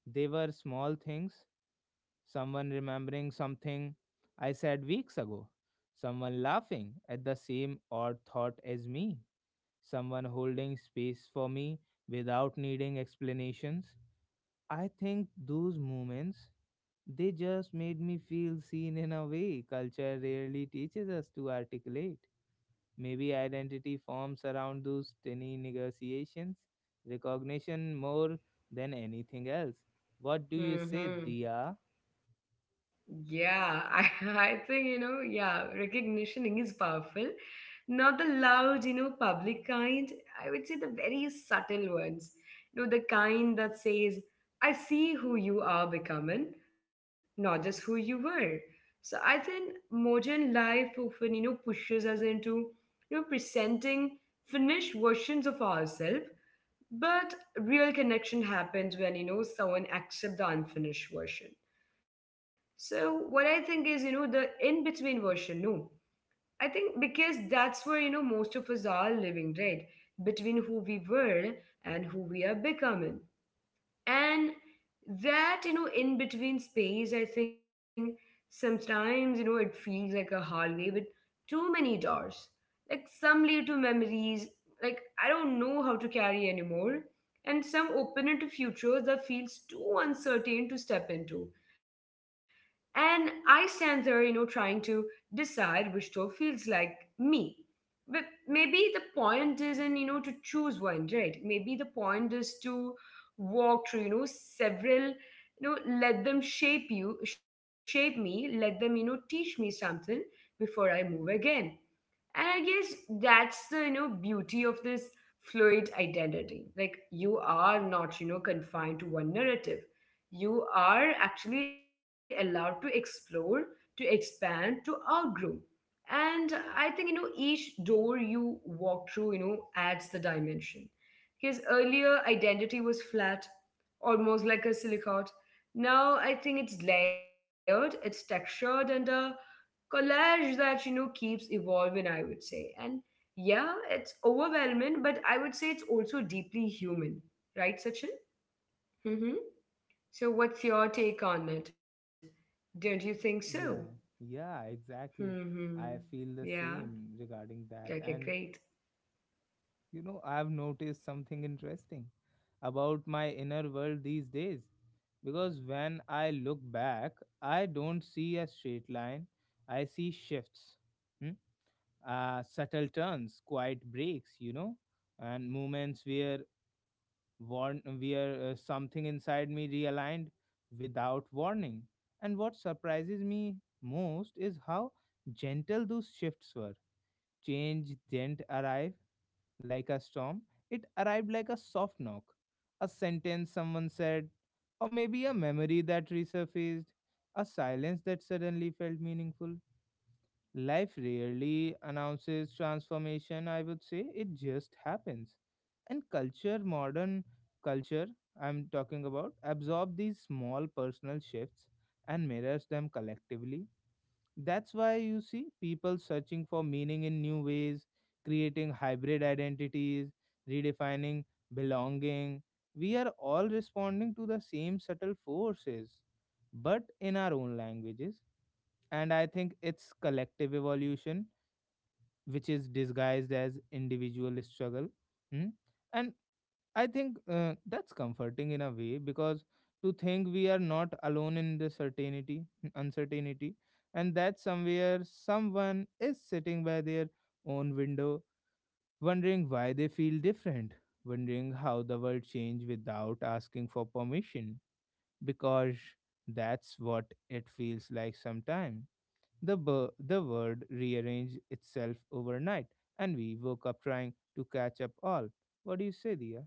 Speaker 1: They were small things, someone remembering something I said weeks ago, someone laughing at the same odd thought as me, someone holding space for me without needing explanations. I think those moments, they just made me feel seen in a way culture rarely teaches us to articulate. Maybe identity forms around those tiny negotiations, recognition more than anything else. What do you say, Dia?
Speaker 2: Mm-hmm. Yeah, I think, you know, yeah, recognition is powerful. Not the loud, you know, public kind. I would say the very subtle ones. You know, the kind that says, I see who you are becoming, not just who you were. So I think modern life often, you know, pushes us into, you know, presenting finished versions of ourselves. But real connection happens when you know someone accepts the unfinished version. So what I think is, you know, the in between version. No, I think because that's where you know most of us are living, right? Between who we were and who we are becoming, and that you know in between space, I think sometimes you know it feels like a hallway with too many doors. Like some lead to memories like I don't know how to carry anymore, and some open into futures that feels too uncertain to step into. And I stand there, you know, trying to decide which door feels like me. But maybe the point isn't, you know, to choose one, right? Maybe the point is to walk through, you know, several, you know, let them shape you, shape me, let them, you know, teach me something before I move again. And I guess that's the, you know, beauty of this fluid identity. Like you are not, you know, confined to one narrative. You are actually allowed to explore, to expand, to outgrow. And I think, you know, each door you walk through, you know, adds the dimension. His earlier identity was flat, almost like a silicate. Now I think it's layered, it's textured, and collage that you know keeps evolving, I would say. And yeah, it's overwhelming, but I would say it's also deeply human, right, Sachin? Mm-hmm. So what's your take on it? Don't you think so?
Speaker 1: Yeah, yeah, exactly.
Speaker 2: Hmm.
Speaker 1: I feel the
Speaker 2: Yeah,
Speaker 1: same regarding that.
Speaker 2: okay,
Speaker 1: And
Speaker 2: great.
Speaker 1: you know, I've noticed something interesting about my inner world these days. Because when I look back, I don't see a straight line, I see shifts. Hmm? Uh, subtle turns, quiet breaks, you know, and moments where warn where something inside me realigned without warning. And what surprises me most is how gentle those shifts were. Change didn't arrive like a storm; it arrived like a soft knock, a sentence someone said, or maybe a memory that resurfaced, a silence that suddenly felt meaningful. Life rarely announces transformation, I would say. It just happens. And culture, modern culture, I'm talking about, absorb these small personal shifts and mirrors them collectively. That's why you see people searching for meaning in new ways, creating hybrid identities, redefining belonging. We are all responding to the same subtle forces, but in our own languages. And I think it's collective evolution which is disguised as individual struggle. Mm? And I think, that's comforting in a way, because to think we are not alone in the certainty uncertainty, and that somewhere someone is sitting by their own window wondering why they feel different, wondering how the world changed without asking for permission. Because that's what it feels like sometimes, the world rearranged itself overnight, and we woke up trying to catch up all. What do you say, Dia?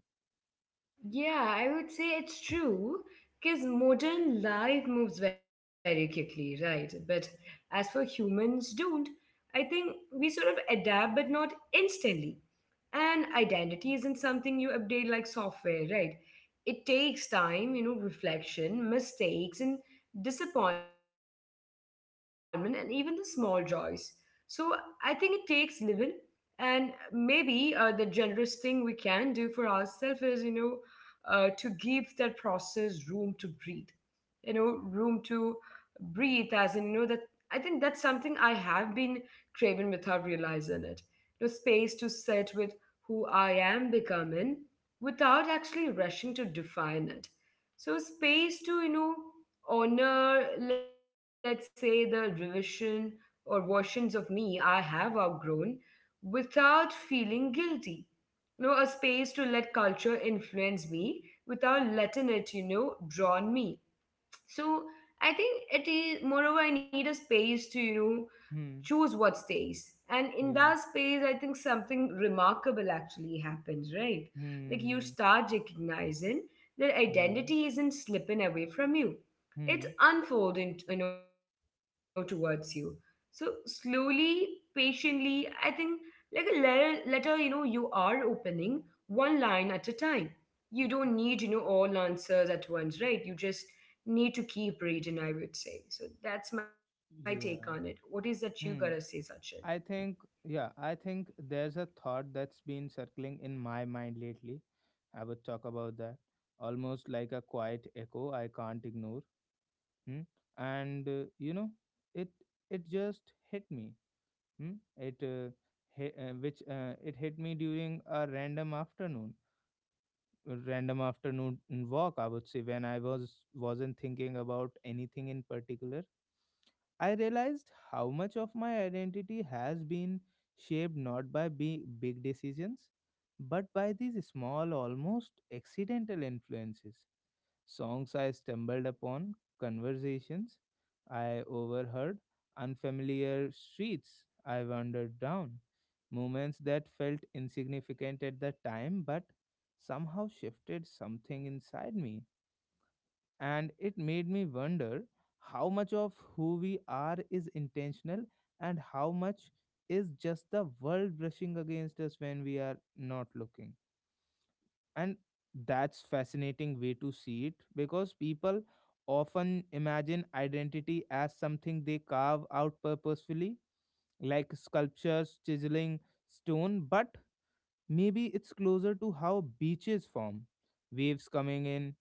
Speaker 2: Yeah, I would say it's true, because modern life moves very quickly, right? But as for humans don't, I think we sort of adapt but not instantly. And identity isn't something you update like software, right? It takes time, you know, reflection, mistakes, and disappointment, and even the small joys. So I think it takes living. And maybe the generous thing we can do for ourselves is you know to give that process room to breathe. You know, room to breathe as in you know that I think that's something I have been craving without realizing it. You know, space to sit with who I am becoming without actually rushing to define it. So space to you know honor, let's say, the revision or versions of me I have outgrown without feeling guilty. You know, a space to let culture influence me without letting it you know drown me. So I think it is moreover I need a space to, you know,
Speaker 1: Hmm,
Speaker 2: choose what stays. And in
Speaker 1: yeah,
Speaker 2: that space, I think something remarkable actually happens, right? Like you
Speaker 1: hmm,
Speaker 2: start recognizing that
Speaker 1: yeah,
Speaker 2: identity isn't slipping away from you.
Speaker 1: hmm,
Speaker 2: It's unfolding, you know, towards you. So slowly, patiently, I think, like a letter you know, you are opening one line at a time. You don't need, you know, all answers at once, right? You just need to keep reading, I would say. So that's my take on it. What is
Speaker 1: yeah,
Speaker 2: that you gotta say,
Speaker 1: hmm.
Speaker 2: Sachin?
Speaker 1: I think, yeah, I think there's a thought that's been circling in my mind lately. I would talk about that. Almost like a quiet echo I can't ignore. Hmm? And, you know, it it just hit me. Hmm? It hi- which It hit me during a random afternoon walk. I would say, when I wasn't thinking about anything in particular. I realized how much of my identity has been shaped not by big decisions, but by these small, almost accidental influences, songs I stumbled upon, conversations I overheard, unfamiliar streets I wandered down, moments that felt insignificant at the time but somehow shifted something inside me. And it made me wonder how much of who we are is intentional, and how much is just the world brushing against us when we are not looking. And that's fascinating way to see it, because people often imagine identity as something they carve out purposefully, like sculptures chiseling stone. But maybe it's closer to how beaches form, waves coming in,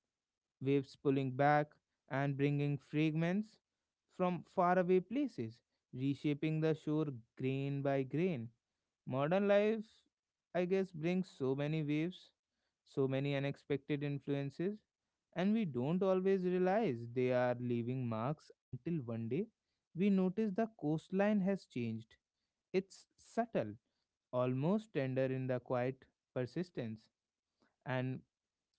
Speaker 1: waves pulling back and bringing fragments from faraway places, reshaping the shore grain by grain. Modern life, I guess, brings so many waves, so many unexpected influences, and we don't always realize they are leaving marks until one day we notice the coastline has changed. It's subtle, almost tender in the quiet persistence. And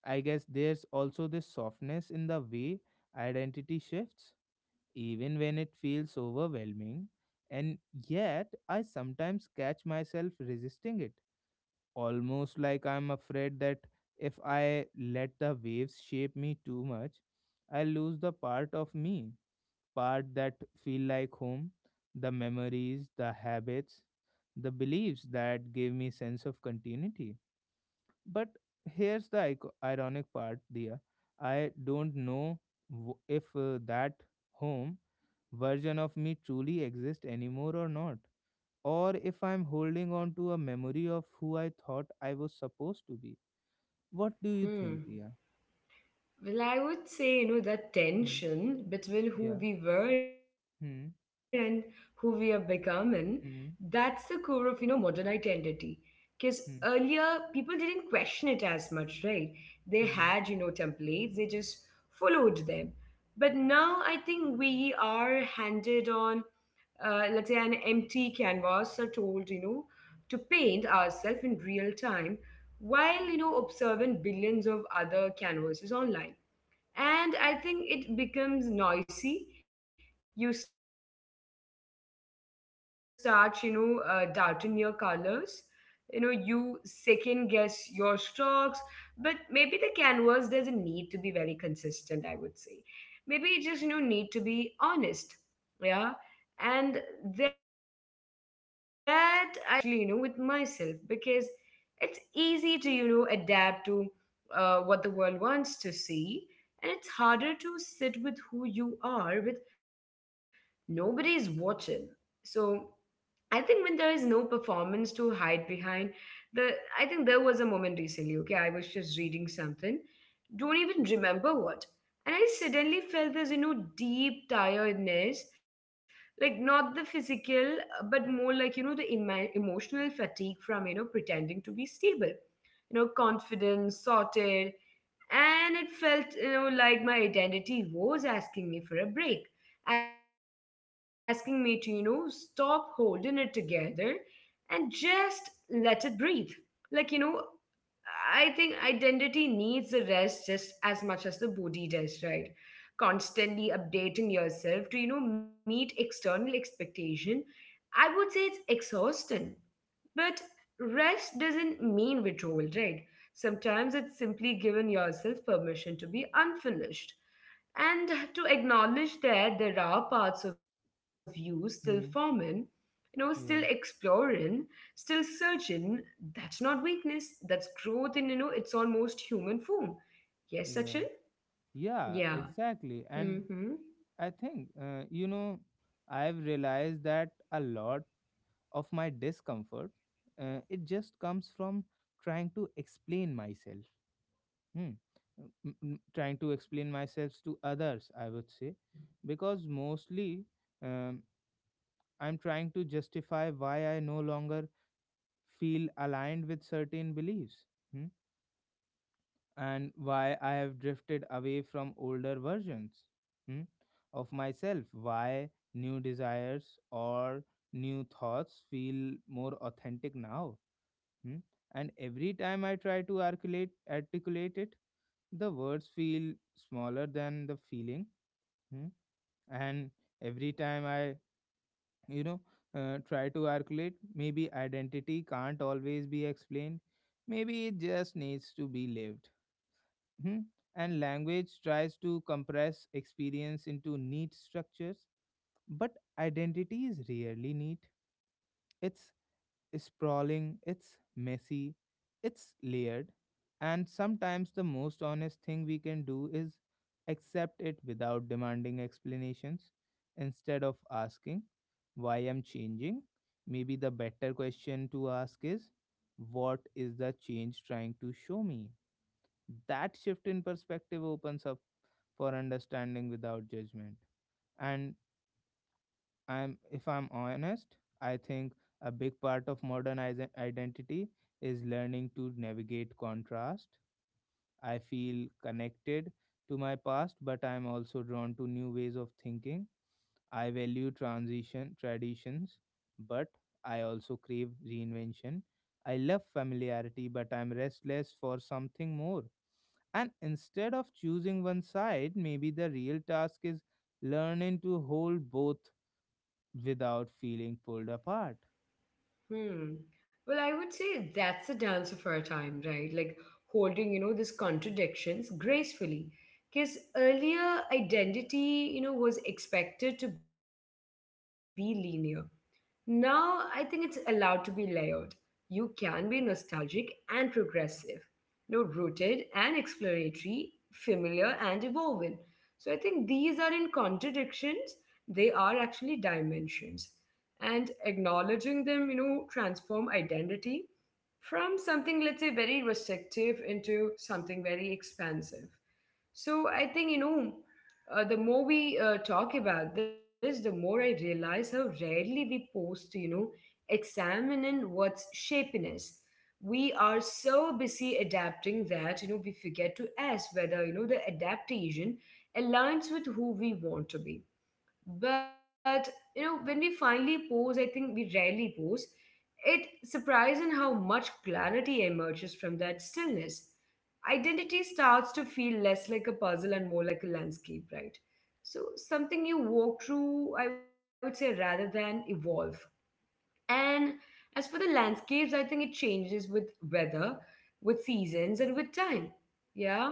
Speaker 1: I guess there's also this softness in the way identity shifts, even when it feels overwhelming. And yet, I sometimes catch myself resisting it, almost like I'm afraid that if I let the waves shape me too much, I lose the part of me, part that feel like home, the memories, the habits, the beliefs that give me sense of continuity. But here's the ironic part, Dia. I don't know if that home version of me truly exists anymore or not, or if I'm holding on to a memory of who I thought I was supposed to be. What do you think,
Speaker 2: Hmm.
Speaker 1: Dia?
Speaker 2: Well, I would say, you know, that
Speaker 1: Hmm.
Speaker 2: tension between who
Speaker 1: Yeah.
Speaker 2: we were and who
Speaker 1: Hmm.
Speaker 2: we are becoming, that's the core of, you
Speaker 1: Hmm.
Speaker 2: know, modern identity. Because earlier,
Speaker 1: Hmm.
Speaker 2: people didn't question it as much, right? They had, you know,
Speaker 1: Hmm.
Speaker 2: templates, they just followed them. But now I think we are handed on, let's say, an empty canvas are told, you know, to paint ourselves in real time while, you know, observing billions of other canvases online, and I think it becomes noisy. You start, you know, doubting your colors, you know, you second guess your strokes. But maybe the canvas doesn't need to be very consistent, I would say. Maybe it just, you know, need to be honest. Yeah. And that I think, something that's something I am, you know, relearning, especially, you know, with myself, because it's easy to, you know, adapt to, what the world wants to see, and it's harder to sit with who you are with nobody's watching. So I think when there is no performance to hide behind, the I think there was a moment recently, okay, I was just reading something, don't even remember what, and I suddenly felt this, you know, deep tiredness, like not the physical, but more like, you know, the emotional fatigue from, you know, pretending to be stable, you know, confident, sorted. And it felt, you know, like my identity was asking me for a break, asking me to, you know, stop holding it together and just let it breathe. Like, you know, I think identity needs a rest just as much as the body does, right? Constantly updating yourself to, you know, meet external expectation, I would say it's exhausting. But rest doesn't mean withdrawal, right? Sometimes it's simply giving yourself permission to be unfinished and to acknowledge that there are parts of you still forming,
Speaker 1: Hmm.
Speaker 2: you know, still
Speaker 1: Yeah.
Speaker 2: exploring, still searching. That's not weakness, that's growth in, you know, its almost human form. Yes, Sachin?
Speaker 1: Yeah. Yeah.
Speaker 2: Yeah.
Speaker 1: Exactly. And
Speaker 2: Hmm.
Speaker 1: I think, you know, I've realized that a lot of my discomfort, it just comes from trying to explain myself. Hmm. Trying to explain myself to others, I would say, because mostly, um, I'm trying to justify why I no longer feel aligned with certain beliefs, hmm, and why I have drifted away from older versions, hmm, of myself, why new desires or new thoughts feel more authentic now. Hmm. And every time I try to articulate it, the words feel smaller than the feeling. Hmm. And every time I you know try to articulate, maybe identity can't always be explained, maybe it just needs to be lived. hmm? And language tries to compress experience into neat structures, but identity is rarely neat, it's sprawling, it's messy, it's layered, and sometimes the most honest thing we can do is accept it without demanding explanations. Instead of asking, why I'm changing, maybe the better question to ask is, what is the change trying to show me? That shift in perspective opens up for understanding without judgment. And I'm if I'm honest, I think a big part of modern identity is learning to navigate contrast. I feel connected to my past, but I'm also drawn to new ways of thinking. I value transition traditions, but I also crave reinvention. I love familiarity, but I'm restless for something more. And instead of choosing one side, maybe the real task is learning to hold both without feeling pulled apart.
Speaker 2: Hmm. Well, I would say that's a dance of our time, right? Like holding, you know, these contradictions gracefully. Because earlier identity, you know, was expected to be linear. Now, I think it's allowed to be layered. You can be nostalgic and progressive, you know, rooted and exploratory, familiar and evolving. So I think these are in contradictions, they are actually dimensions. And acknowledging them, you know, transform identity from something, let's say, very restrictive into something very expansive. So I think, you know, the more we talk about this, the more I realize how rarely we pause to, you know, examine in what's shaping us. We are so busy adapting that, you know, we forget to ask whether, you know, the adaptation aligns with who we want to be. But you know, when we finally pose, I think we rarely pose. It surprising how much clarity emerges from that stillness. Identity starts to feel less like a puzzle and more like a landscape, right? So something you walk through, I would say, rather than evolve. And as for the landscapes, I think it changes with weather, with seasons, and with time. Yeah.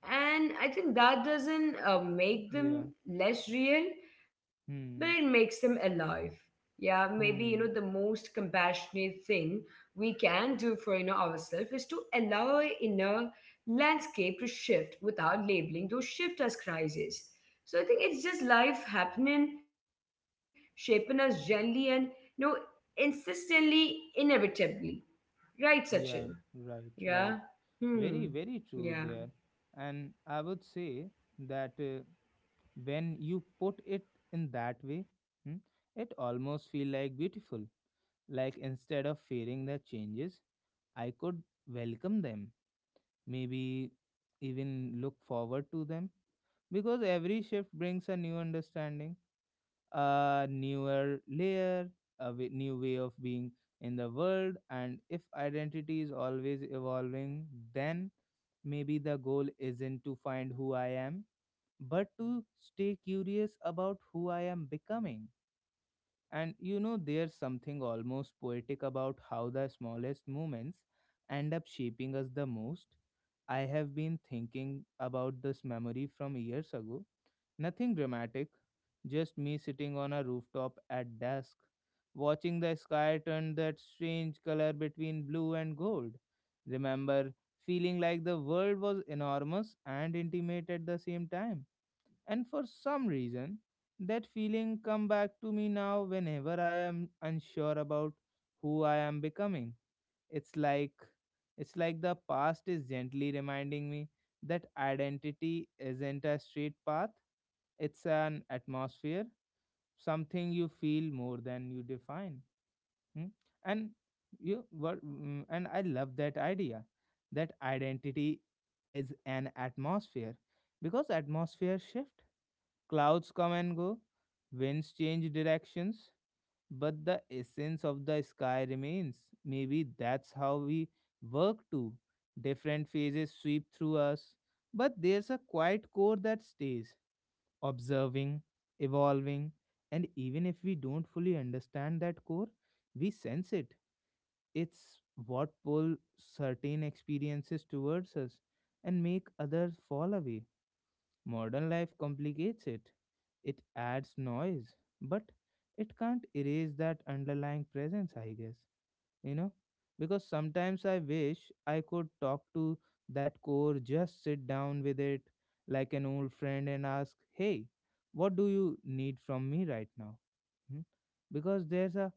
Speaker 2: And I think that doesn't make
Speaker 1: Yeah.
Speaker 2: them less real, but it makes
Speaker 1: Hmm.
Speaker 2: them alive. Yeah, maybe, you know, the
Speaker 1: Hmm.
Speaker 2: most compassionate thing we can do for, you know, ourselves is to allow our inner landscape to shift without labeling those shift as crises. So I think it's just life happening, shaping us gently and, you know, insistently, inevitably. Right, Sachin?
Speaker 1: Yeah. Right.
Speaker 2: Yeah.
Speaker 1: Right.
Speaker 2: Hmm.
Speaker 1: Very, very
Speaker 2: Yeah.
Speaker 1: true there. And I would say that when you put it in that way, hmm, it almost feel like beautiful. Like instead of fearing the changes, I could welcome them. Maybe even look forward to them because every shift brings a new understanding, a newer layer, a new way of being in the world. And if identity is always evolving, then maybe the goal isn't to find who I am, but to stay curious about who I am becoming. And you know, there's something almost poetic about how the smallest moments end up shaping us the most. I have been thinking about this memory from years ago. Nothing dramatic, just me sitting on a rooftop at dusk, watching the sky turn that strange color between blue and gold. Remember feeling like the world was enormous and intimate at the same time. And for some reason, that feeling come back to me now whenever I am unsure about who I am becoming. It's like it's like the past is gently reminding me that identity isn't a straight path. It's an atmosphere, something you feel more than you define. hmm? And and I love that idea that identity is an atmosphere, because atmosphere shift, clouds come and go, winds change directions, but the essence of the sky remains. Maybe that's how we work too. Different phases sweep through us, but there's a quiet core that stays, observing, evolving, and even if we don't fully understand that core, we sense it. It's what pulls certain experiences towards us and make others fall away. Modern life complicates it. It adds noise, but it can't erase that underlying presence, I guess. You know? Because sometimes I wish I could talk to that core, just sit down with it like an old friend and ask, hey, what do you need from me right now? Hmm? Because there's a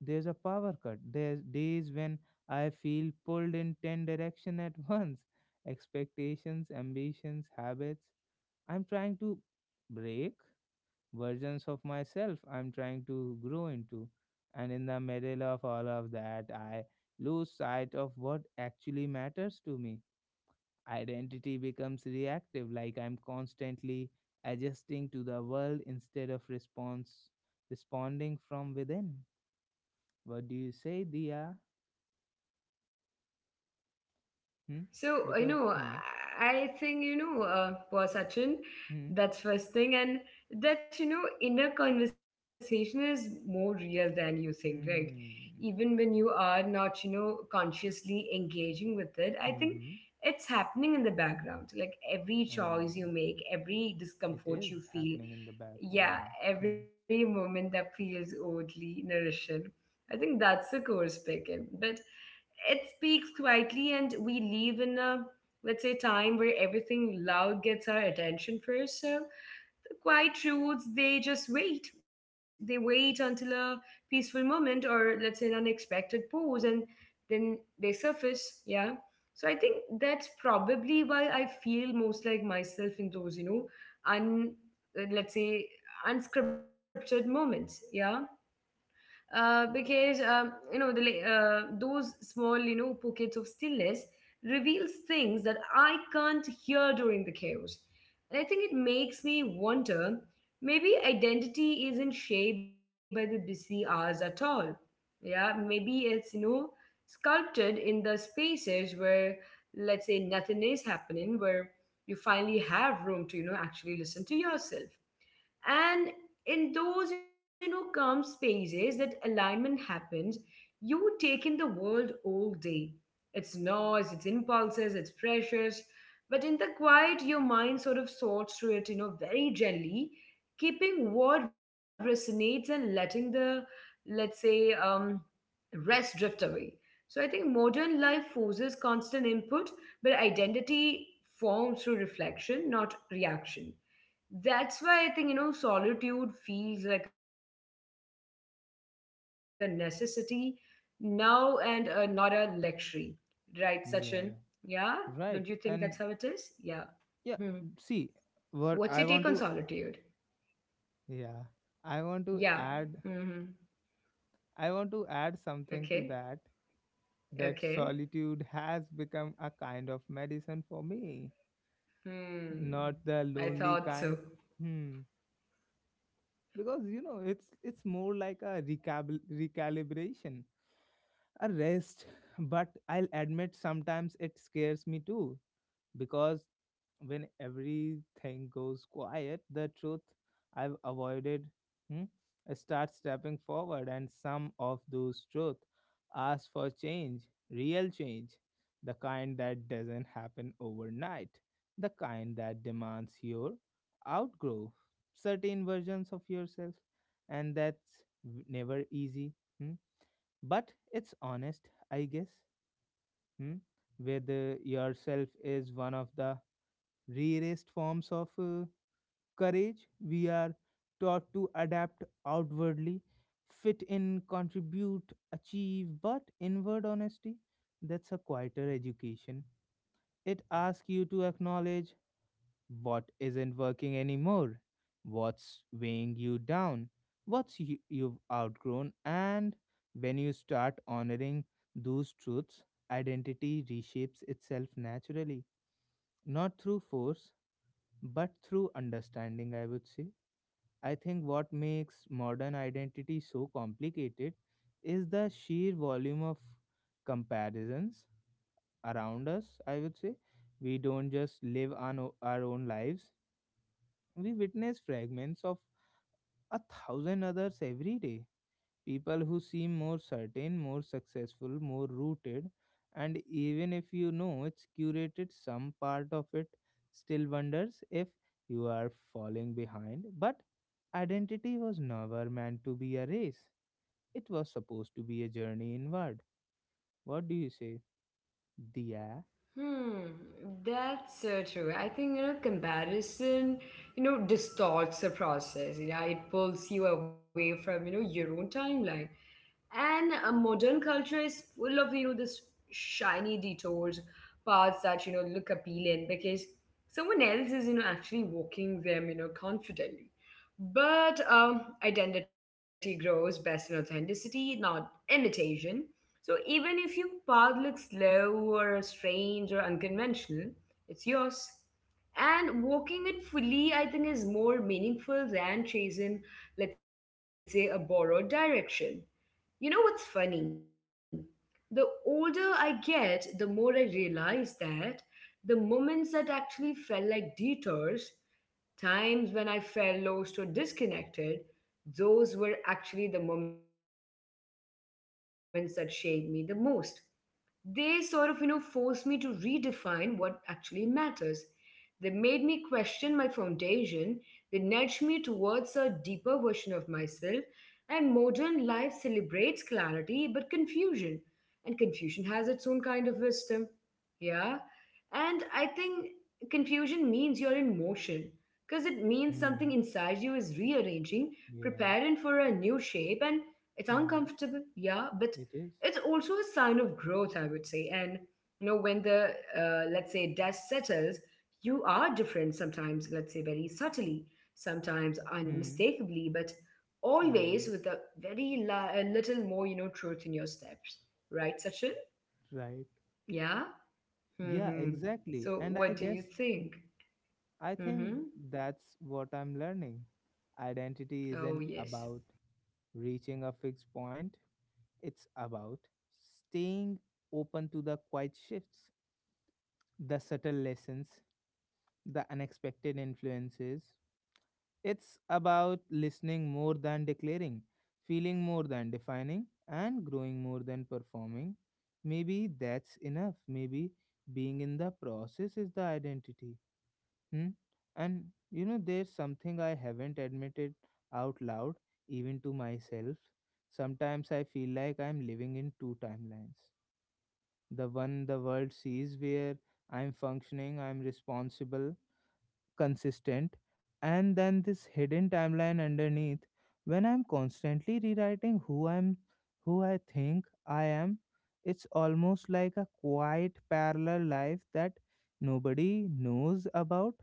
Speaker 1: there's a power cut. There's days when I feel pulled in ten direction at once. Expectations, ambitions, habits I'm trying to break, versions of myself I'm trying to grow into. And in the middle of all of that, I lose sight of what actually matters to me. Identity becomes reactive, like I'm constantly adjusting to the world instead of response responding from within. What do you say, Dia? Hmm?
Speaker 2: So, you
Speaker 1: Because
Speaker 2: know, I think, you know, poor Sachin,
Speaker 1: hmm,
Speaker 2: that's first thing. And that, you know, inner conversation is more real than you think, right?
Speaker 1: hmm,
Speaker 2: Even when you are not, you know, consciously engaging with it, I
Speaker 1: hmm,
Speaker 2: think
Speaker 1: hmm,
Speaker 2: it's happening in the background. Like every
Speaker 1: uh,
Speaker 2: choice you make, every
Speaker 1: it is
Speaker 2: discomfort you feel,
Speaker 1: happening in the background, yeah.
Speaker 2: yeah,
Speaker 1: Hmm.
Speaker 2: every moment that feels oddly nourishing. I think that's the core speaking. But it speaks quietly and we live in a, let's say, time where everything loud gets our attention first. So the quiet truths, they just wait, they wait until a peaceful moment or, let's say, an unexpected pause, and then they surface. Yeah. So I think that's probably why I feel most like myself in those, you know, un let's say unscripted moments. Yeah. Because you know, those small, you know, pockets of stillness reveals things that I can't hear during the chaos, and I think it makes me wonder, maybe identity isn't shaped by the busy hours at all. Yeah, maybe it's, you know, sculpted in the spaces where, let's say, nothing is happening, where you finally have room to, you know, actually listen to yourself. And in those, you know, calm spaces, that alignment happens. You take in the world all day, its noise, its impulses, its pressures, but in the quiet your mind sort of sorts through it, you know, very gently, keeping what resonates and letting the, let's say, rest drift away. So I think modern life forces constant input, but identity forms through reflection, not reaction. That's why I think, you know, solitude feels like a necessity now and, not a luxury, right, Sachin? Yeah, don't you think
Speaker 1: Yeah,
Speaker 2: that's how it is?
Speaker 1: right.
Speaker 2: Yeah.
Speaker 1: And
Speaker 2: Hmm.
Speaker 1: yeah, see,
Speaker 2: What's your take on
Speaker 1: what I want
Speaker 2: solitude?
Speaker 1: to yeah, I
Speaker 2: Yeah.
Speaker 1: want to
Speaker 2: Hmm.
Speaker 1: add I want to add something
Speaker 2: Okay.
Speaker 1: to that, that
Speaker 2: Okay.
Speaker 1: solitude has become a kind of medicine for me,
Speaker 2: Hmm.
Speaker 1: not the
Speaker 2: I
Speaker 1: lonely
Speaker 2: thought so.
Speaker 1: kind. Hmm. Because you know, it's more like a recab recalibration, a rest. But I'll admit sometimes it scares me too, because when everything goes quiet, the truth I've avoided, hmm, starts stepping forward, and some of those truth ask for change, real change, the kind that doesn't happen overnight, the kind that demands your outgrow certain versions of yourself, and that's never easy. Hmm. But it's honest, I guess. Hmm. Whether yourself is one of the rarest forms of courage. We are taught to adapt outwardly, fit in, contribute, achieve, but inward honesty, that's a quieter education. It asks you to acknowledge what isn't working anymore, what's weighing you down, you've outgrown, and when you start honoring those truths, identity reshapes itself naturally, not through force but through understanding, I would say. I think what makes modern identity so complicated is the sheer volume of comparisons around us, I would say. We don't just live on our own lives, we witness fragments of a thousand others every day. People who seem more certain, more successful, more rooted, and even if you know it's curated, some part of it still wonders if you are falling behind. But identity was never meant to be a race, it was supposed to be a journey inward. What do you say? Dia?
Speaker 2: Hmm, that's so true. I think, you know, comparison, you know, distorts the process. Yeah, it pulls you away from, you know, your own timeline. And modern culture is full of, you know, this shiny detours, paths that, you know, look appealing because someone else is, you know, actually walking them, you know, confidently. But identity grows best in authenticity, not imitation. So even if your path looks slow or strange or unconventional, it's yours. And walking it fully, I think, is more meaningful than chasing, let's say, a borrowed direction. You know what's funny? The older I get, the more I realize that the moments that actually felt like detours, times when I felt lost or disconnected, those were actually the moments that shaped me the most. They sort of, you know, forced me to redefine what actually matters. They made me question my foundation. They nudged me towards a deeper version of myself. And modern life celebrates clarity, but confusion, and confusion has its own kind of wisdom. Yeah. And I think confusion means you're in motion, because it means something
Speaker 1: Hmm.
Speaker 2: inside you is rearranging,
Speaker 1: Yeah.
Speaker 2: preparing for a new shape, and it's
Speaker 1: Hmm.
Speaker 2: uncomfortable. Yeah. But
Speaker 1: It is.
Speaker 2: it's also a sign of growth, I would say. And, you know, when the, let's say, dust settles, you are different, sometimes, let's say, very subtly, sometimes
Speaker 1: Hmm.
Speaker 2: unmistakably, but
Speaker 1: Yeah.
Speaker 2: always with a very a little more, you know, truth in your steps. Right, Sachin?
Speaker 1: Right.
Speaker 2: Yeah.
Speaker 1: Yeah,
Speaker 2: Hmm.
Speaker 1: exactly.
Speaker 2: So,
Speaker 1: And I
Speaker 2: what do you
Speaker 1: guess
Speaker 2: think?
Speaker 1: I think
Speaker 2: Hmm.
Speaker 1: that's what I'm learning. Identity
Speaker 2: Oh,
Speaker 1: isn't
Speaker 2: yes.
Speaker 1: about reaching a fixed point, it's about staying open to the quiet shifts, the subtle lessons, the unexpected influences. It's about listening more than declaring, feeling more than defining, and growing more than performing. Maybe that's enough. Maybe being in the process is the identity. Hmm? And you know, there's something I haven't admitted out loud, even to myself. Sometimes I feel like I'm living in two timelines. The one the world sees, where I'm functioning, I'm responsible, consistent, and then this hidden timeline underneath, when I'm constantly rewriting who I think I am. It's almost like a quiet parallel life that nobody knows about.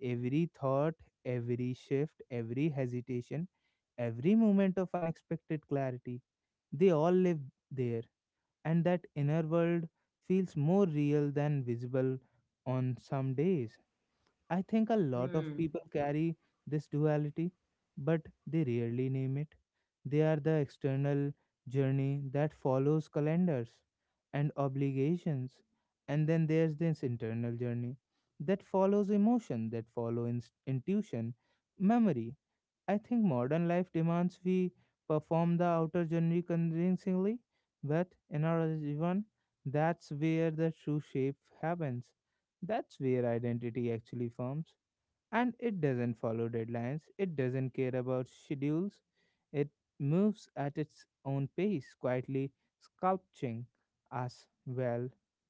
Speaker 1: Every thought, every shift, every hesitation, every moment of unexpected clarity, they all live there, and that inner world feels more real than visible on some days. I think a lot of
Speaker 2: Hmm.
Speaker 1: people carry this duality, but they rarely name it. They are the external journey that follows calendars and obligations, and then there's this internal journey that follows emotion, intuition, memory. I think modern life demands we perform the outer journey convincingly, but in our Jivan, that's where the true shape happens. That's where identity actually forms. And it doesn't follow deadlines, it doesn't care about schedules, it moves at its own pace, quietly sculpting us. Well,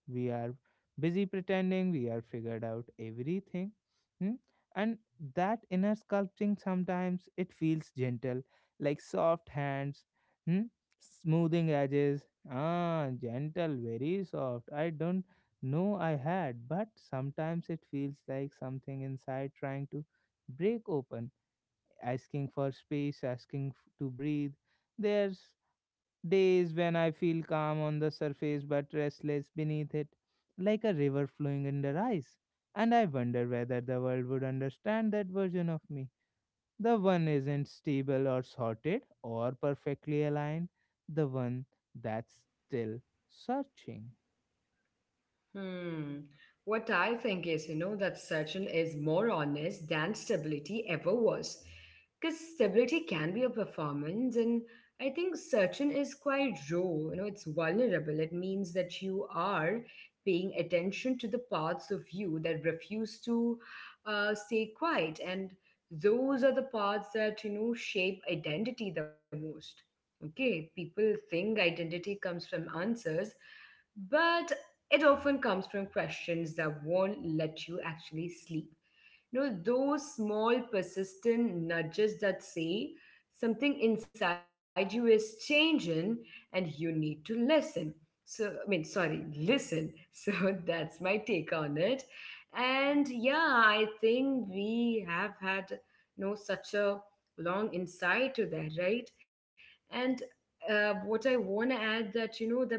Speaker 1: we are busy pretending we are figured out everything. Hmm? And that inner sculpting sometimes it feels gentle, like soft hands, hmm? smoothing edges. Ah, gentle, very soft. I don't know I had, but sometimes it feels like something inside trying to break open, asking for space, to breathe. There's days when I feel calm on the surface but restless beneath it, like a river flowing under ice. And I wonder whether the world would understand that version of me. The one isn't stable or sorted or perfectly aligned, the one that's still searching.
Speaker 2: Hmm. What I think is, you know, that Sachin is more honest than stability ever was. Because stability can be a performance, and I think Sachin is quite raw, you know, it's vulnerable. It means that you are paying attention to the parts of you that refuse to, stay quiet. And those are the parts that, you know, shape identity the most. Okay, people think identity comes from answers, but it often comes from questions that won't let you actually sleep. You know, those small, persistent nudges that say something inside you is changing and you need to listen. So, I mean, sorry, listen. So that's my take on it. And yeah, I think we have had, you know, such a long insight to that, right? And what I want to add that, you know, the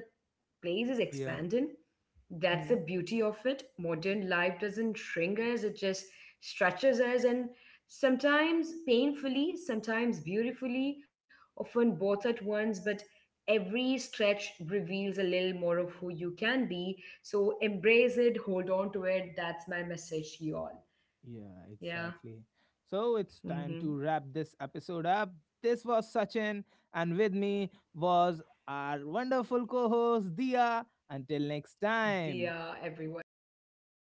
Speaker 2: place is
Speaker 1: Yeah.
Speaker 2: expanding. That's the beauty of it. Modern life doesn't shrink us, it just stretches us, and sometimes painfully, sometimes beautifully, often both at once. But every stretch reveals a little more of who you can be. So embrace it, hold on to it. That's my message to you all.
Speaker 1: Yeah,
Speaker 2: Yeah.
Speaker 1: exactly. So it's time
Speaker 2: Hmm.
Speaker 1: to wrap this episode up. This was Sachin, and with me was our wonderful co host, Dia. Until
Speaker 2: Dear
Speaker 1: next
Speaker 2: everyone,
Speaker 1: time.
Speaker 2: until next time.